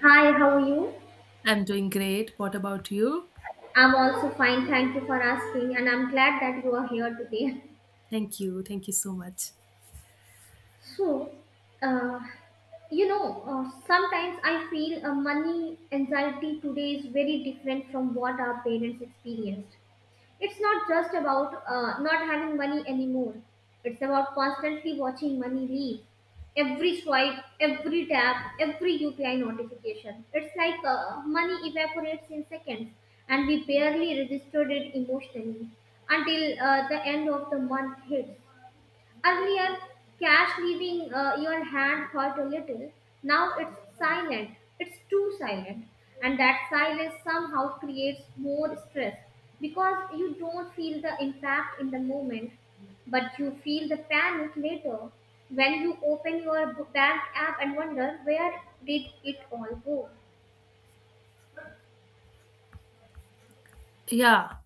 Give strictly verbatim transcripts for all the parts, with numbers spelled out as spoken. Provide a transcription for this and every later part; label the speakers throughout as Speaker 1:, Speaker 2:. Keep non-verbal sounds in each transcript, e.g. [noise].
Speaker 1: Hi, how are you?
Speaker 2: I'm doing great. What about you?
Speaker 1: I'm also fine, thank you for asking, and I'm glad that you are here today. [laughs]
Speaker 2: Thank you. Thank you so much.
Speaker 1: So, uh, you know, uh, sometimes I feel uh, money anxiety today is very different from what our parents experienced. It's not just about uh, not having money anymore. It's about constantly watching money leave. Every swipe, every tap, every U P I notification. It's like uh, money evaporates in seconds and we barely registered it emotionally until uh, the end of the month hits. Earlier, cash leaving uh, your hand hurt a little. Now it's silent. It's too silent. And that silence somehow creates more stress because you don't feel the impact in the moment, but you feel the panic later when you open your b- bank app and wonder where did it all go.
Speaker 2: Yeah.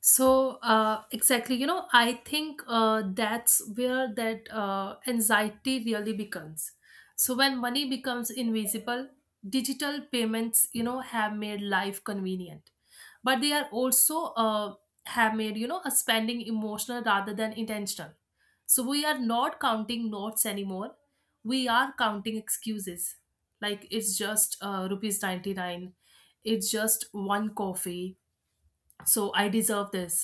Speaker 2: So uh, exactly, you know, I think uh, that's where that uh, anxiety really becomes. So when money becomes invisible, digital payments, you know, have made life convenient, but they are also uh, have made you know a spending emotional rather than intentional. So we are not counting notes anymore. We are counting excuses, like it's just uh, rupees ninety nine, it's just one coffee, so I deserve this.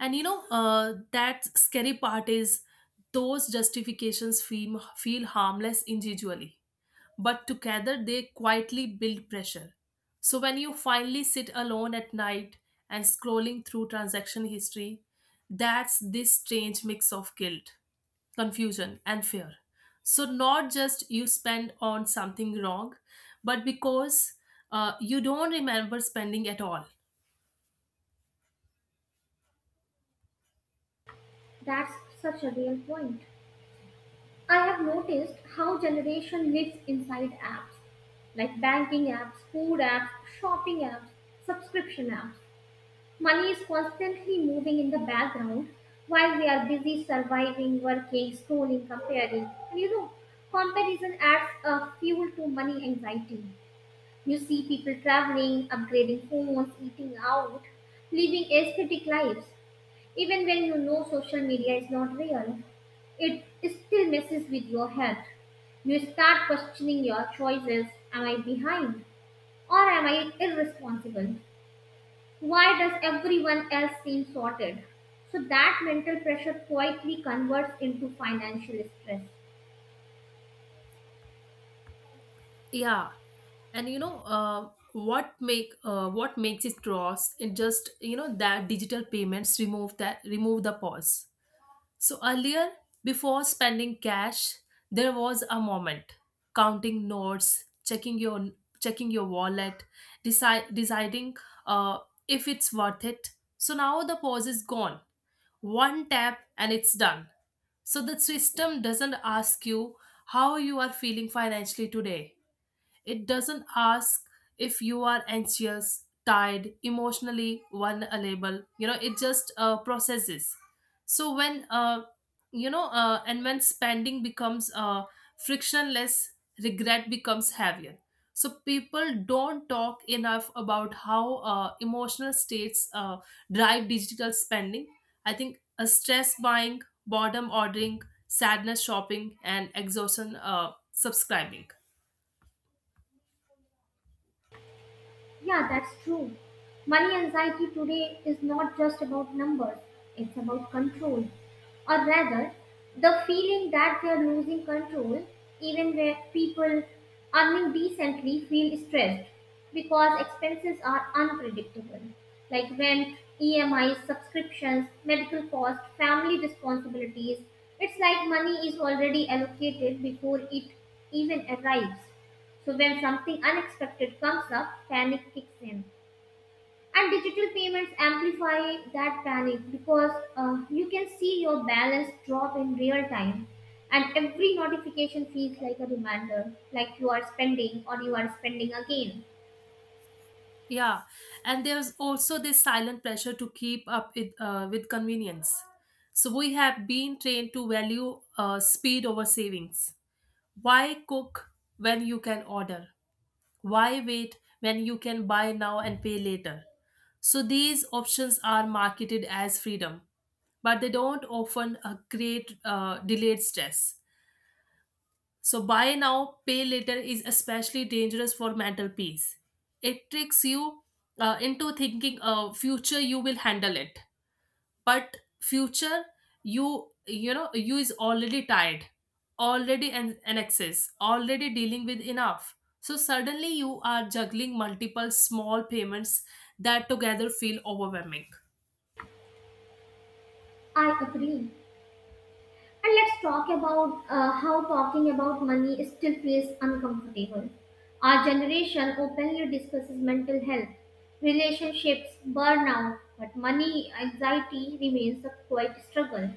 Speaker 2: And you know uh, that scary part is, those justifications feel, feel harmless individually, but together they quietly build pressure. So when you finally sit alone at night and scrolling through transaction history, that's this strange mix of guilt, confusion, and fear. So not just you spend on something wrong, but because uh, you don't remember spending at all.
Speaker 1: That's such a real point. I have noticed how generation lives inside apps like banking apps, food apps, shopping apps, subscription apps. Money is constantly moving in the background while we are busy surviving, working, schooling, comparing. And you know, comparison adds a fuel to money anxiety. You see people traveling, upgrading phones, eating out, living aesthetic lives. Even when you know social media is not real, it still messes with your head. You start questioning your choices. Am I behind? Or am I irresponsible? Why does everyone else seem sorted? So that mental pressure quietly converts into financial stress.
Speaker 2: Yeah, and you know uh, what make uh, what makes it cross? It just you know that digital payments remove that remove the pause. So earlier, before spending cash, there was a moment counting notes, checking your checking your wallet, decide deciding uh, if it's worth it. So now the pause is gone. One tap and it's done. So the system doesn't ask you how you are feeling financially today. It doesn't ask if you are anxious, tired, emotionally vulnerable. You know, it just uh, processes. So when uh, you know, uh, and when spending becomes uh, frictionless, regret becomes heavier. So people don't talk enough about how uh, emotional states uh, drive digital spending. I think a stress buying, boredom ordering, sadness shopping, and exhaustion uh, subscribing.
Speaker 1: Yeah, that's true. Money anxiety today is not just about numbers, it's about control. Or rather, the feeling that they are losing control, even where people earning decently feel stressed because expenses are unpredictable, like rent, E M Is, subscriptions, medical costs, family responsibilities. It's like money is already allocated before it even arrives. So when something unexpected comes up, panic kicks in. And digital payments amplify that panic because uh, you can see your balance drop in real time. And every notification feels like a reminder, like you are spending or you are spending again.
Speaker 2: Yeah, and there's also this silent pressure to keep up with, uh, with convenience. So we have been trained to value uh, speed over savings. Why cook when you can order? Why wait when you can buy now and pay later? So these options are marketed as freedom, but they don't often uh, create uh, delayed stress. So, buy now, pay later is especially dangerous for mental peace. It tricks you uh, into thinking, uh, future you will handle it, but future you you know you is already tired, already an, an excess, already dealing with enough. So suddenly you are juggling multiple small payments that together feel overwhelming.
Speaker 1: I agree. And let's talk about uh, how talking about money still feels uncomfortable. Our generation openly discusses mental health, relationships, burnout, but money anxiety remains a quiet struggle.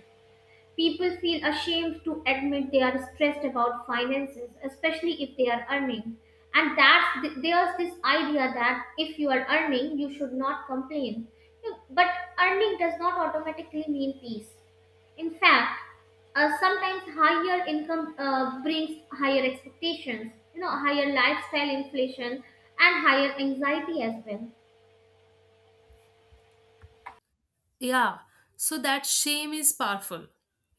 Speaker 1: People feel ashamed to admit they are stressed about finances, especially if they are earning. And that's th- there's this idea that if you are earning, you should not complain. You- But earning does not automatically mean peace. In fact, uh, sometimes higher income uh, brings higher expectations, you know, higher lifestyle inflation, and higher anxiety as well.
Speaker 2: Yeah, so that shame is powerful.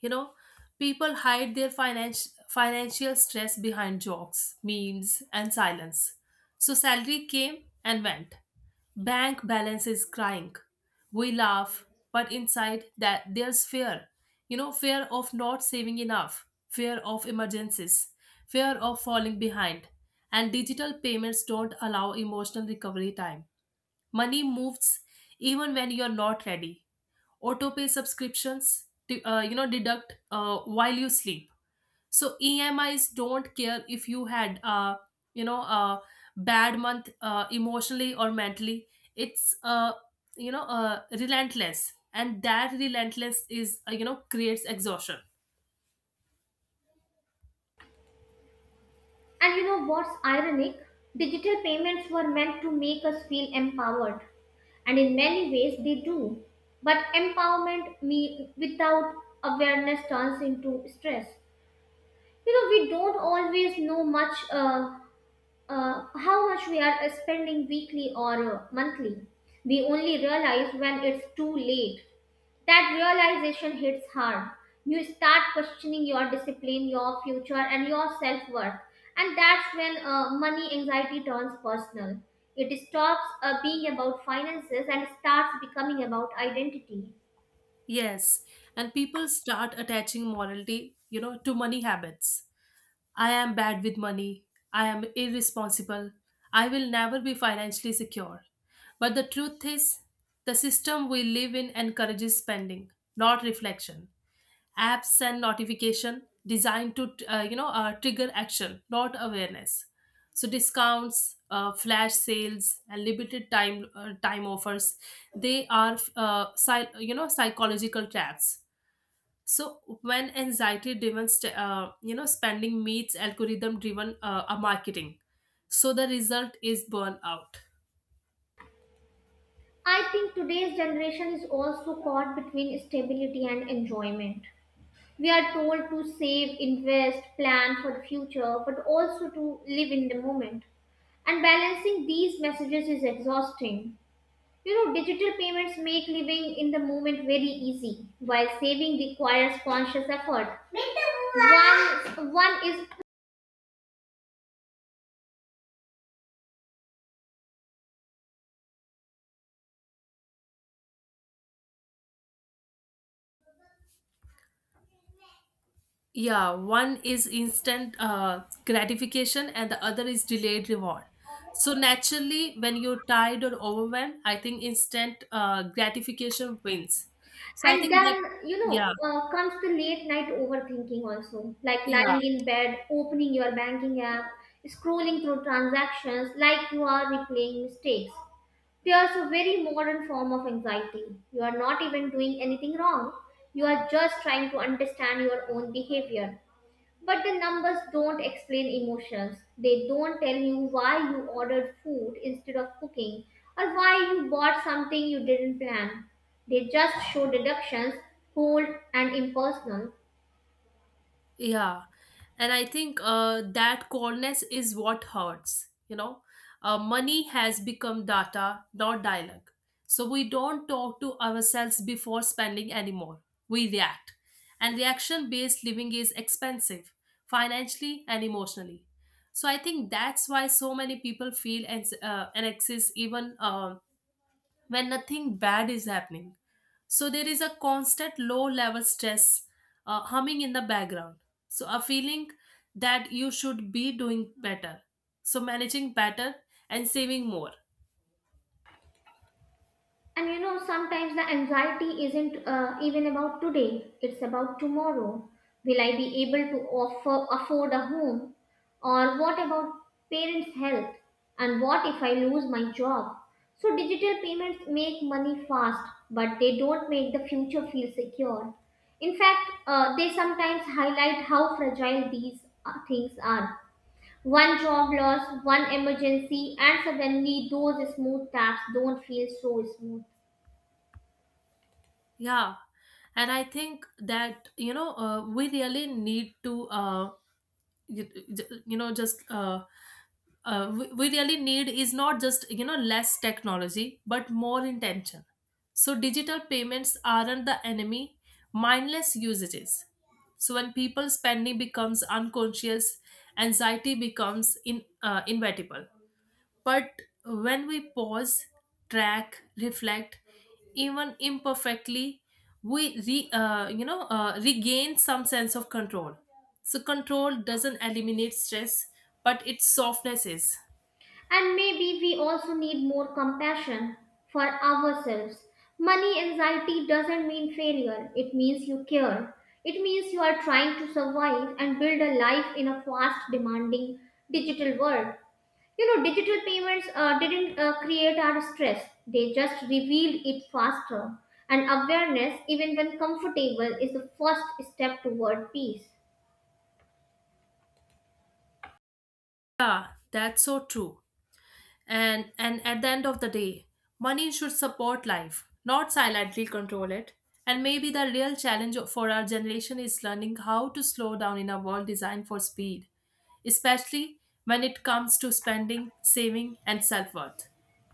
Speaker 2: You know, people hide their financial financial stress behind jokes, memes, and silence. So salary came and went. Bank balance is crying. We laugh, but inside that there's fear. You know, fear of not saving enough, fear of emergencies, fear of falling behind. And digital payments don't allow emotional recovery time. Money moves even when you're not ready. Autopay subscriptions, de- uh, you know, deduct uh, while you sleep. So E M Is don't care if you had, uh, you know, a bad month uh, emotionally or mentally. It's, uh, you know, uh, relentless, and that relentless is, uh, you know, creates exhaustion.
Speaker 1: And you know what's ironic? Digital payments were meant to make us feel empowered, and in many ways they do. But empowerment me without awareness turns into stress. You know, we don't always know much uh, uh, how much we are spending weekly or uh, monthly. We only realize when it's too late. That realization hits hard. You start questioning your discipline, your future, and your self worth. And that's when uh, money anxiety turns personal. It stops uh, being about finances and starts becoming about identity.
Speaker 2: Yes, and people start attaching morality, you know, to money habits. I am bad with money. I am irresponsible. I will never be financially secure. But the truth is, the system we live in encourages spending, not reflection. Apps and notification designed to, uh, you know, uh, trigger action, not awareness. So discounts, uh, flash sales, and limited time uh, time offers, they are, uh, psy- you know, psychological traps. So when anxiety driven st- uh, you know, spending meets algorithm driven uh, uh, marketing, so the result is burnout.
Speaker 1: I think today's generation is also caught between stability and enjoyment. We are told to save, invest, plan for the future, but also to live in the moment. And balancing these messages is exhausting. You know, digital payments make living in the moment very easy, while saving requires conscious effort. One, one is,
Speaker 2: Yeah, one is instant uh, gratification and the other is delayed reward. So naturally, when you're tired or overwhelmed, I think instant uh, gratification wins. So I
Speaker 1: and
Speaker 2: think that.
Speaker 1: then, you know,
Speaker 2: Yeah.
Speaker 1: uh, comes the late night overthinking also, like
Speaker 2: Yeah.
Speaker 1: lying in bed, opening your banking app, scrolling through transactions like you are replaying mistakes. Fear is a very modern form of anxiety. You are not even doing anything wrong. You are just trying to understand your own behavior. But the numbers don't explain emotions. They don't tell you why you ordered food instead of cooking or why you bought something you didn't plan. They just show deductions, cold and impersonal.
Speaker 2: Yeah. And I think uh, that coldness is what hurts. You know, uh, money has become data, not dialogue. So we don't talk to ourselves before spending anymore. We react. And reaction based living is expensive, financially and emotionally. So I think that's why so many people feel ans- uh, anxious even uh, when nothing bad is happening. So there is a constant low level stress uh, humming in the background. So a feeling that you should be doing better. So managing better and saving more.
Speaker 1: And you know, sometimes the anxiety isn't uh, even about today, it's about tomorrow. Will I be able to offer, afford a home? Or what about parents' health? And what if I lose my job? So, digital payments make money fast, but they don't make the future feel secure. In fact, uh, they sometimes highlight how fragile these uh, things are. One job loss, one emergency, and suddenly those smooth tabs don't feel so smooth.
Speaker 2: Yeah. And I think that, you know, uh, we really need to uh, you, you know just uh, uh, we we really need is not just you know less technology but more intention. So digital payments aren't the enemy, mindless usage is. So when people spending becomes unconscious, anxiety becomes in, uh, inevitable. But when we pause, track, reflect, even imperfectly, we re, uh, you know, uh, regain some sense of control. So control doesn't eliminate stress, but it softness is.
Speaker 1: And maybe we also need more compassion for ourselves. Money anxiety doesn't mean failure, it means you care. It means you are trying to survive and build a life in a fast, demanding digital world. You know, digital payments uh, didn't uh, create our stress, they just revealed it faster. And awareness, even when comfortable, is the first step toward peace.
Speaker 2: Yeah, that's so true. and and at the end of the day, money should support life, not silently control it. And maybe the real challenge for our generation is learning how to slow down in a world designed for speed, especially when it comes to spending, saving, and self-worth.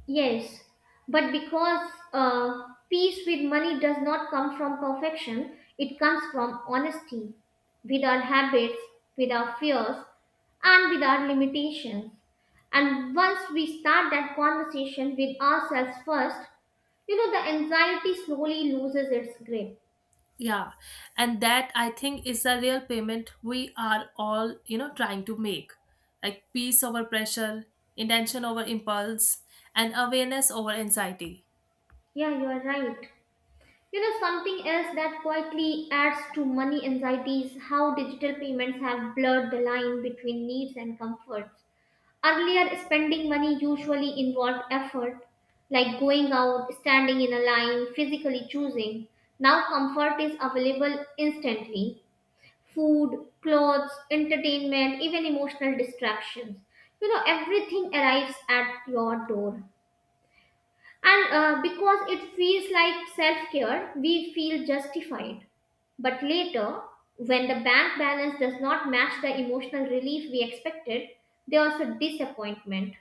Speaker 1: Yes, but because uh, peace with money does not come from perfection, it comes from honesty with our habits, with our fears, and with our limitations. And once we start that conversation with ourselves first, you know, the anxiety slowly loses its grip.
Speaker 2: Yeah, and that, I think, is the real payment we are all, you know, trying to make, like peace over pressure, intention over impulse, and awareness over anxiety.
Speaker 1: Yeah, you are right. You know, something else that quietly adds to money anxiety is how digital payments have blurred the line between needs and comforts. Earlier, spending money usually involved effort, like going out, standing in a line, physically choosing. Now, comfort is available instantly: food, clothes, entertainment, even emotional distractions. You know, everything arrives at your door. And uh, because it feels like self care, we feel justified. But later, when the bank balance does not match the emotional relief we expected, there's a disappointment.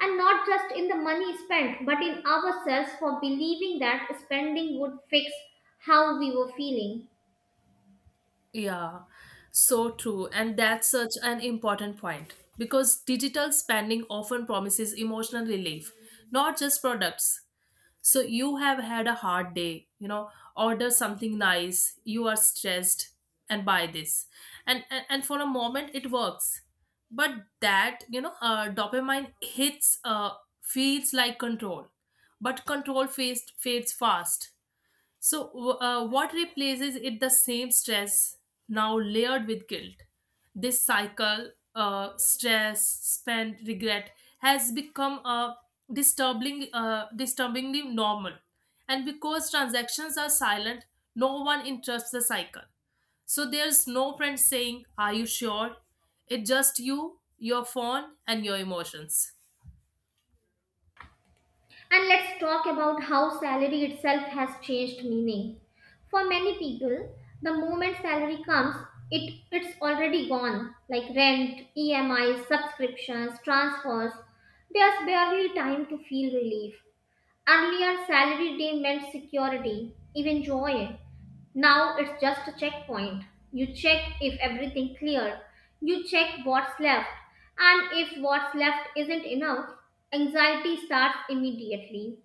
Speaker 1: And not just in the money spent, but in ourselves for believing that spending would fix how we were feeling.
Speaker 2: Yeah, so true. And that's such an important point because digital spending often promises emotional relief, not just products. So you have had a hard day, you know, order something nice, you are stressed, and buy this. And and, and for a moment it works. But that, you know, uh, dopamine hits uh feels like control. But control fades fades fast. So, w- uh, what replaces it? The same stress, now layered with guilt. This cycle, uh, stress, spend, regret, has become a disturbing, uh, disturbingly normal. And because transactions are silent, no one interrupts the cycle. So there's no friend saying, "Are you sure?" It's just you, your phone, and your emotions.
Speaker 1: And let's talk about how salary itself has changed meaning. For many people, the moment salary comes, it, it's already gone, like rent, E M Is, subscriptions, transfers. There's barely time to feel relief. Earlier, salary day meant security, even joy. Now it's just a checkpoint. You check if everything clear. You check what's left. And if what's left isn't enough, anxiety starts immediately.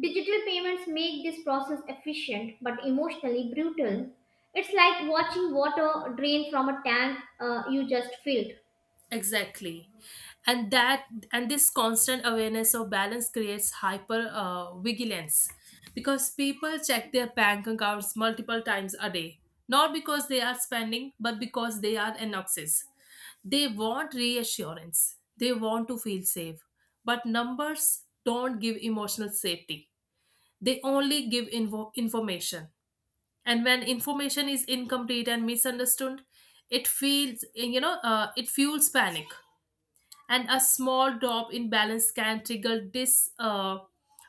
Speaker 1: Digital payments make this process efficient but emotionally brutal. It's like watching water drain from a tank uh, you just filled.
Speaker 2: Exactly. And that and this constant awareness of balance creates hyper uh, vigilance, because people check their bank accounts multiple times a day, not because they are spending, but because they are anxious. They want reassurance. They want to feel safe. But numbers don't give emotional safety. They only give info- information. And when information is incomplete and misunderstood, it feels you know uh, it fuels panic. And a small drop in balance can trigger this uh,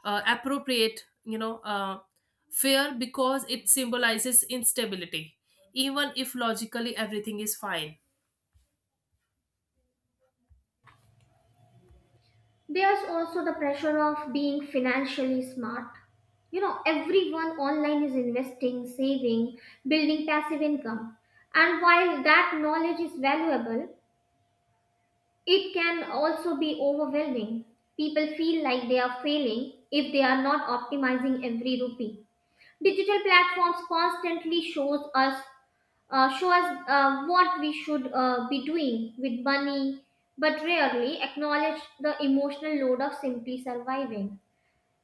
Speaker 2: uh, appropriate you know uh, fear, because it symbolizes instability, even if logically everything is fine.
Speaker 1: There's also the pressure of being financially smart. You know, everyone online is investing, saving, building passive income, and while that knowledge is valuable, it can also be overwhelming. People feel like they are failing if they are not optimizing every rupee. Digital platforms constantly shows us uh, show us uh, what we should uh, be doing with money, but rarely acknowledge the emotional load of simply surviving.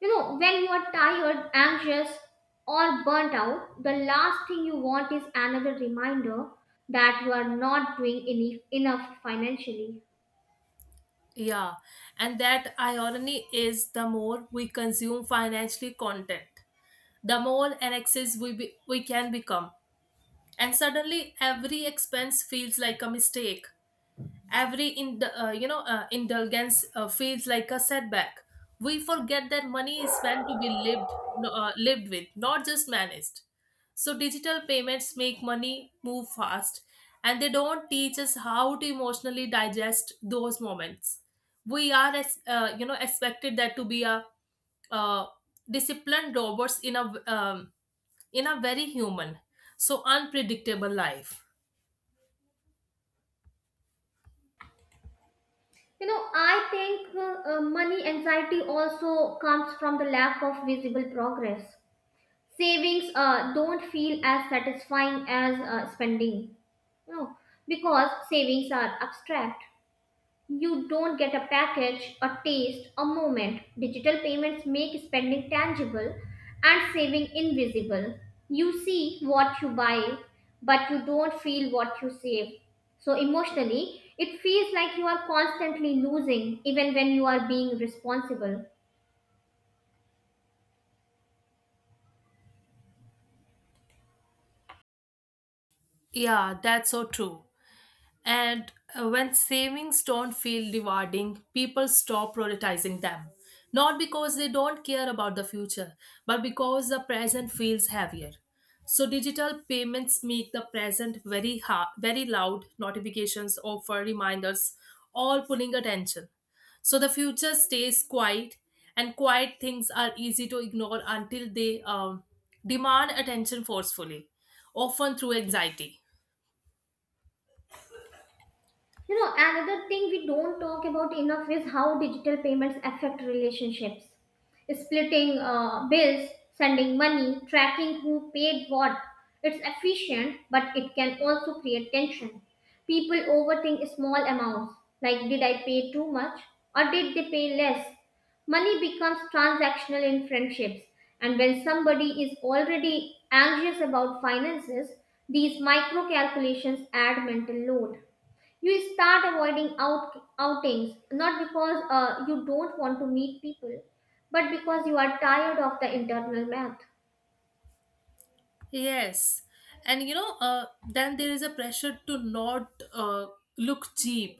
Speaker 1: You know, when you are tired, anxious, or burnt out, the last thing you want is another reminder that you are not doing ene- enough financially.
Speaker 2: Yeah, and that irony is, the more we consume financially content, the more an we, be, we can become. And suddenly every expense feels like a mistake, every in uh, you know, uh, indulgence uh, feels like a setback. We forget that money is meant to be lived no- uh, lived with, not just managed. So digital payments make money move fast, and they don't teach us how to emotionally digest those moments. We are as uh, you know, expected that to be a uh, disciplined robots in a um, in a very human, so unpredictable life.
Speaker 1: You know, I think uh, uh, money anxiety also comes from the lack of visible progress. Savings uh, don't feel as satisfying as uh, spending, you know, because savings are abstract. You don't get a package, a taste, a moment. Digital payments make spending tangible and saving invisible. You see what you buy, but you don't feel what you save. So, emotionally, it feels like you are constantly losing even when you are being responsible.
Speaker 2: Yeah, that's so true. And uh, when savings don't feel rewarding, people stop prioritizing them. Not because they don't care about the future, but because the present feels heavier. So digital payments make the present very hard, very loud notifications, offer reminders, all pulling attention. So the future stays quiet, and quiet things are easy to ignore until they um, demand attention forcefully, often through anxiety.
Speaker 1: You know, another thing we don't talk about enough is how digital payments affect relationships. Splitting uh, bills, sending money, tracking who paid what. It's efficient, but it can also create tension. People overthink small amounts, like did I pay too much or did they pay less? Money becomes transactional in friendships, and when somebody is already anxious about finances, these micro calculations add mental load. You start avoiding out, outings not because uh, you don't want to meet people, but because you are tired of the internal math.
Speaker 2: Yes. And you know, uh, then there is a pressure to not uh, look cheap.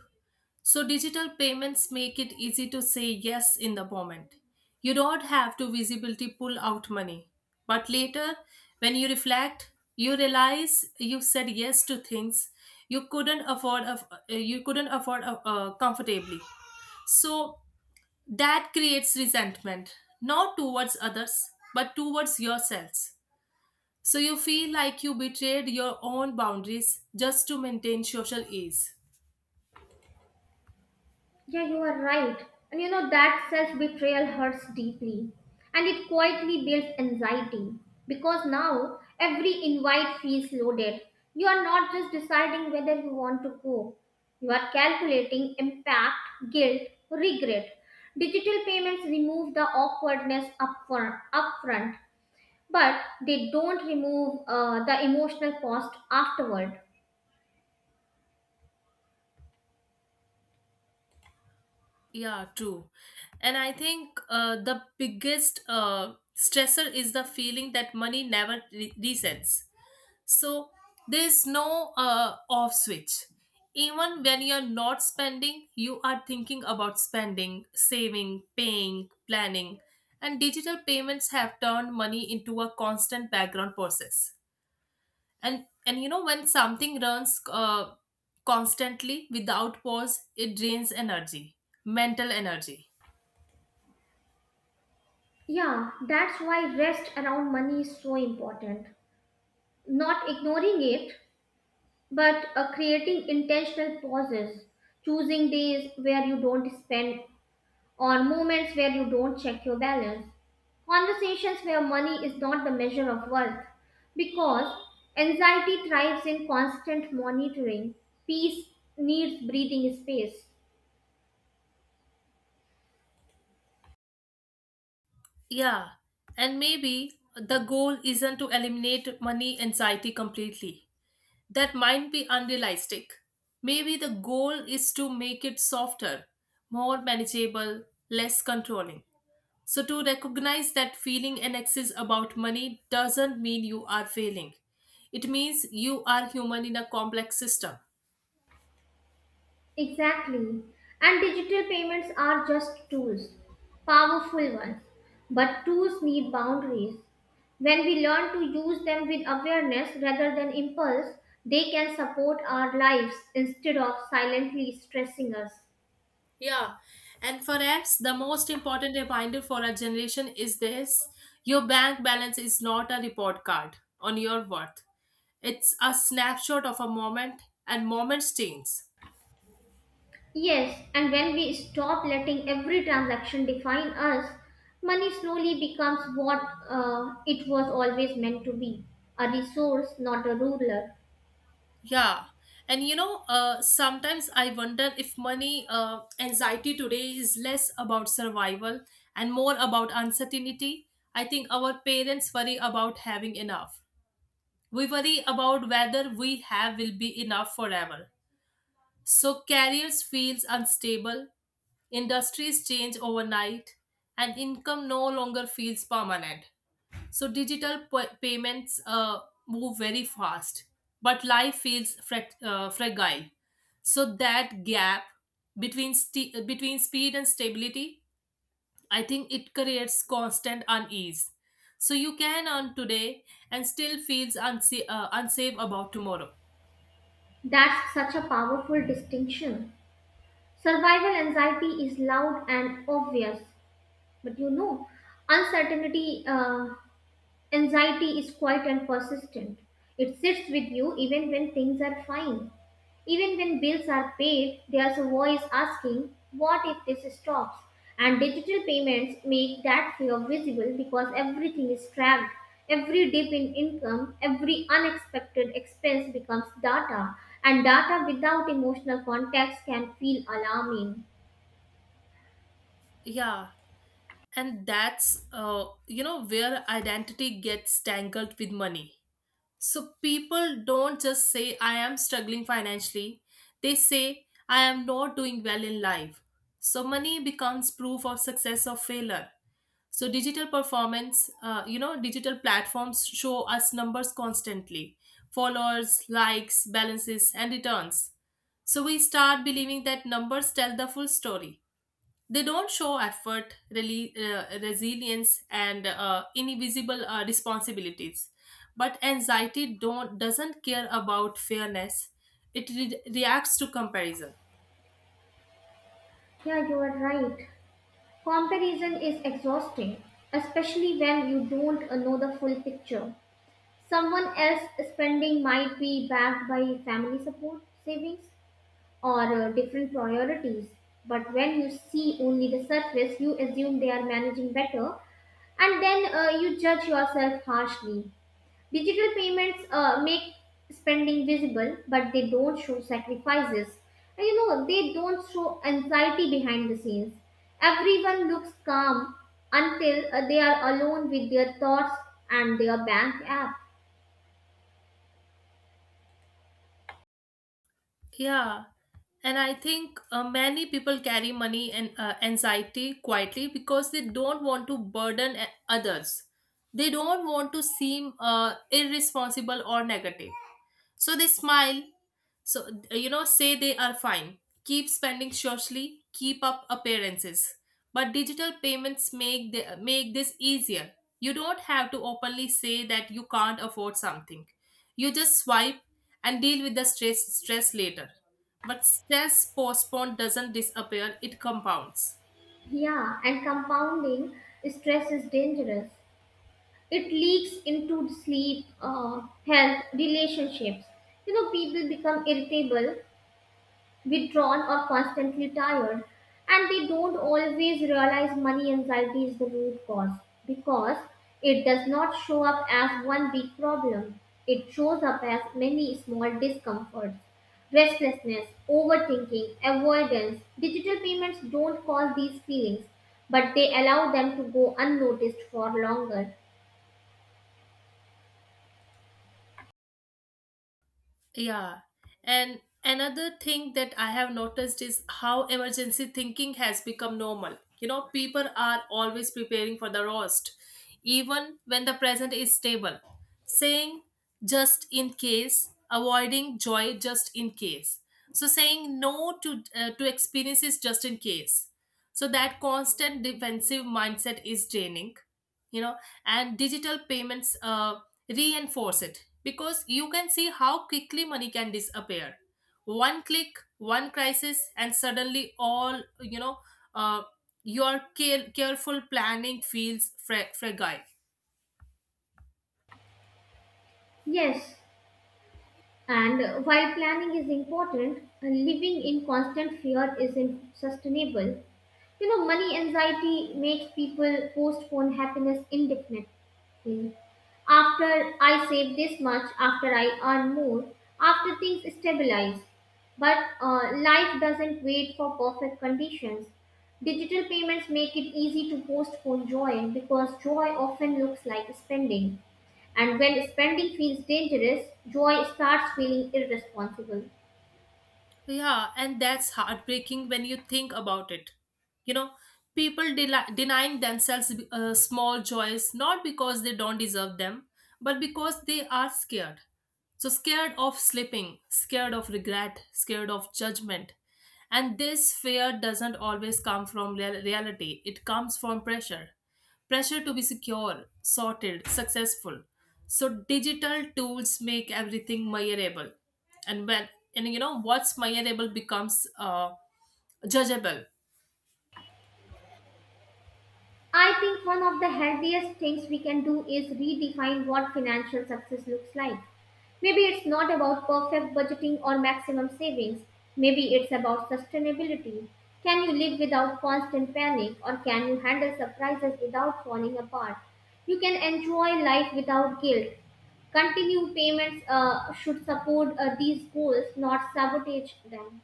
Speaker 2: So digital payments make it easy to say yes in the moment. You don't have to visibility pull out money. But later, when you reflect, you realize you said yes to things you couldn't afford of uh, you couldn't afford uh, uh, comfortably. So that creates resentment, not towards others, but towards yourselves. So you feel like you betrayed your own boundaries just to maintain social ease.
Speaker 1: Yeah, you are right. And you know that self betrayal hurts deeply and it quietly builds anxiety because now every invite feels loaded. You are not just deciding whether you want to go, you are calculating impact, guilt, regret. Digital payments remove the awkwardness upfront, upfront, but they don't remove uh, the emotional cost afterward.
Speaker 2: Yeah, true. And I think uh, the biggest uh, stressor is the feeling that money never re- resets. So there's no uh, off switch. Even when you're not spending, you are thinking about spending, saving, paying, planning. And digital payments have turned money into a constant background process. and and you know, when something runs uh, constantly without pause, it drains energy, mental energy.
Speaker 1: Yeah, that's why rest around money is so important. Not ignoring it, but uh, creating intentional pauses, choosing days where you don't spend or moments where you don't check your balance. Conversations where money is not the measure of worth, because anxiety thrives in constant monitoring. Peace needs breathing space.
Speaker 2: Yeah, and maybe the goal isn't to eliminate money anxiety completely. That might be unrealistic. Maybe the goal is to make it softer, more manageable, less controlling. So to recognize that feeling an excess about money doesn't mean you are failing. It means you are human in a complex system.
Speaker 1: Exactly. And digital payments are just tools, powerful ones. But tools need boundaries. When we learn to use them with awareness rather than impulse, they can support our lives instead of silently stressing us.
Speaker 2: Yeah, and perhaps the most important reminder for our generation is this: your bank balance is not a report card on your worth, it's a snapshot of a moment, and moments change.
Speaker 1: Yes, and when we stop letting every transaction define us, money slowly becomes what uh, it was always meant to be: a resource, not a ruler.
Speaker 2: Yeah, and you know, uh, sometimes I wonder if money uh, anxiety today is less about survival and more about uncertainty. I think our parents worry about having enough. We worry about whether we have will be enough forever. So careers feels unstable, industries change overnight, and income no longer feels permanent. So digital p- payments uh, move very fast, but life feels frac- uh, fragile. So that gap between st- between speed and stability, I think it creates constant unease. So you can earn today and still feels unsa- uh, unsafe about tomorrow.
Speaker 1: That's such a powerful distinction. Survival anxiety is loud and obvious, but you know, uncertainty uh, anxiety is quiet and persistent. It sits with you even when things are fine. Even when bills are paid, there's a voice asking, what if this stops? And digital payments make that fear visible because everything is tracked. Every dip in income, every unexpected expense becomes data, and data without emotional context can feel alarming.
Speaker 2: Yeah, and that's, uh, you know, where identity gets tangled with money. So people don't just say I am struggling financially, they say I am not doing well in life. So money becomes proof of success or failure. So digital performance uh, you know, digital platforms show us numbers constantly, followers, likes, balances, and returns. So we start believing that numbers tell the full story. They don't show effort, really, uh, resilience, and uh, invisible uh, responsibilities. But anxiety don't doesn't care about fairness. It re- reacts to comparison.
Speaker 1: Yeah, you are right. Comparison is exhausting, especially when you don't uh, know the full picture. Someone else spending might be backed by family support, savings, or uh, different priorities. But when you see only the surface, you assume they are managing better, and then uh, you judge yourself harshly. Digital payments uh, make spending visible, but they don't show sacrifices. And you know, they don't show anxiety behind the scenes. Everyone looks calm until uh, they are alone with their thoughts and their bank app.
Speaker 2: Yeah, and I think uh, many people carry money and uh, anxiety quietly because they don't want to burden a- others. They don't want to seem uh, irresponsible or negative. So they smile. So, uh, you know, say they are fine. Keep spending socially, keep up appearances. But digital payments make, the, make this easier. You don't have to openly say that you can't afford something. You just swipe and deal with the stress, stress later. But stress postponed doesn't disappear, it compounds.
Speaker 1: Yeah, and compounding stress is dangerous. It leaks into sleep, uh, health, relationships. You know, people become irritable, withdrawn, or constantly tired, and they don't always realize money anxiety is the root cause because it does not show up as one big problem. It shows up as many small discomforts: restlessness, overthinking, avoidance. Digital payments don't cause these feelings, but they allow them to go unnoticed for longer.
Speaker 2: Yeah. And another thing that I have noticed is how emergency thinking has become normal. You know, people are always preparing for the worst, even when the present is stable. Saying just in case, avoiding joy just in case. So saying no to uh, to experiences just in case. So that constant defensive mindset is draining, you know. And digital payments uh, reinforce it because you can see how quickly money can disappear. One click, one crisis, and suddenly all, you know, uh, your care- careful planning feels fra- fragile.
Speaker 1: Yes. And while planning is important, living in constant fear isn't sustainable. You know, money anxiety makes people postpone happiness indefinitely. After I save this much, after I earn more, after things stabilize. But uh, life doesn't wait for perfect conditions. Digital payments make it easy to postpone joy because joy often looks like spending. And when spending feels dangerous, joy starts feeling irresponsible.
Speaker 2: Yeah, and that's heartbreaking when you think about it. You know, people del- denying themselves uh, small joys not because they don't deserve them, but because they are scared. So, scared of slipping, scared of regret, scared of judgment. And this fear doesn't always come from real- reality, it comes from pressure pressure to be secure, sorted, successful. So digital tools make everything measurable, and when and you know what's measurable becomes uh, judgeable.
Speaker 1: I think one of the healthiest things we can do is redefine what financial success looks like. Maybe it's not about perfect budgeting or maximum savings. Maybe it's about sustainability. Can you live without constant panic, or can you handle surprises without falling apart? You can enjoy life without guilt. Continued payments uh, should support uh, these goals, not sabotage them.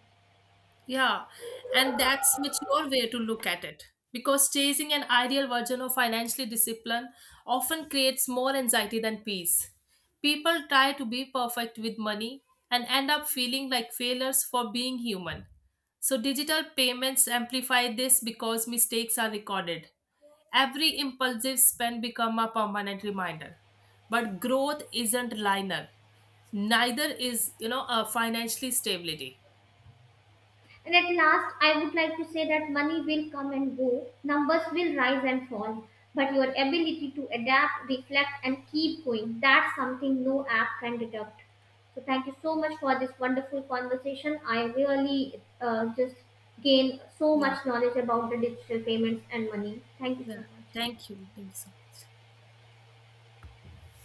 Speaker 2: Yeah, and that's mature way to look at it, because chasing an ideal version of financially discipline often creates more anxiety than peace. People try to be perfect with money and end up feeling like failures for being human. So digital payments amplify this because mistakes are recorded. Every impulsive spend become a permanent reminder. But growth isn't linear. Neither is, you know, a financially stability.
Speaker 1: And at last, I would like to say that money will come and go, numbers will rise and fall, but your ability to adapt, reflect, and keep going, that's something no app can deduct. So, thank you so much for this wonderful conversation. I really uh, just gained so
Speaker 2: Yeah.
Speaker 1: much knowledge about the digital payments and money. Thank you
Speaker 2: Yeah.
Speaker 1: so much.
Speaker 2: Thank you. Thank you so much.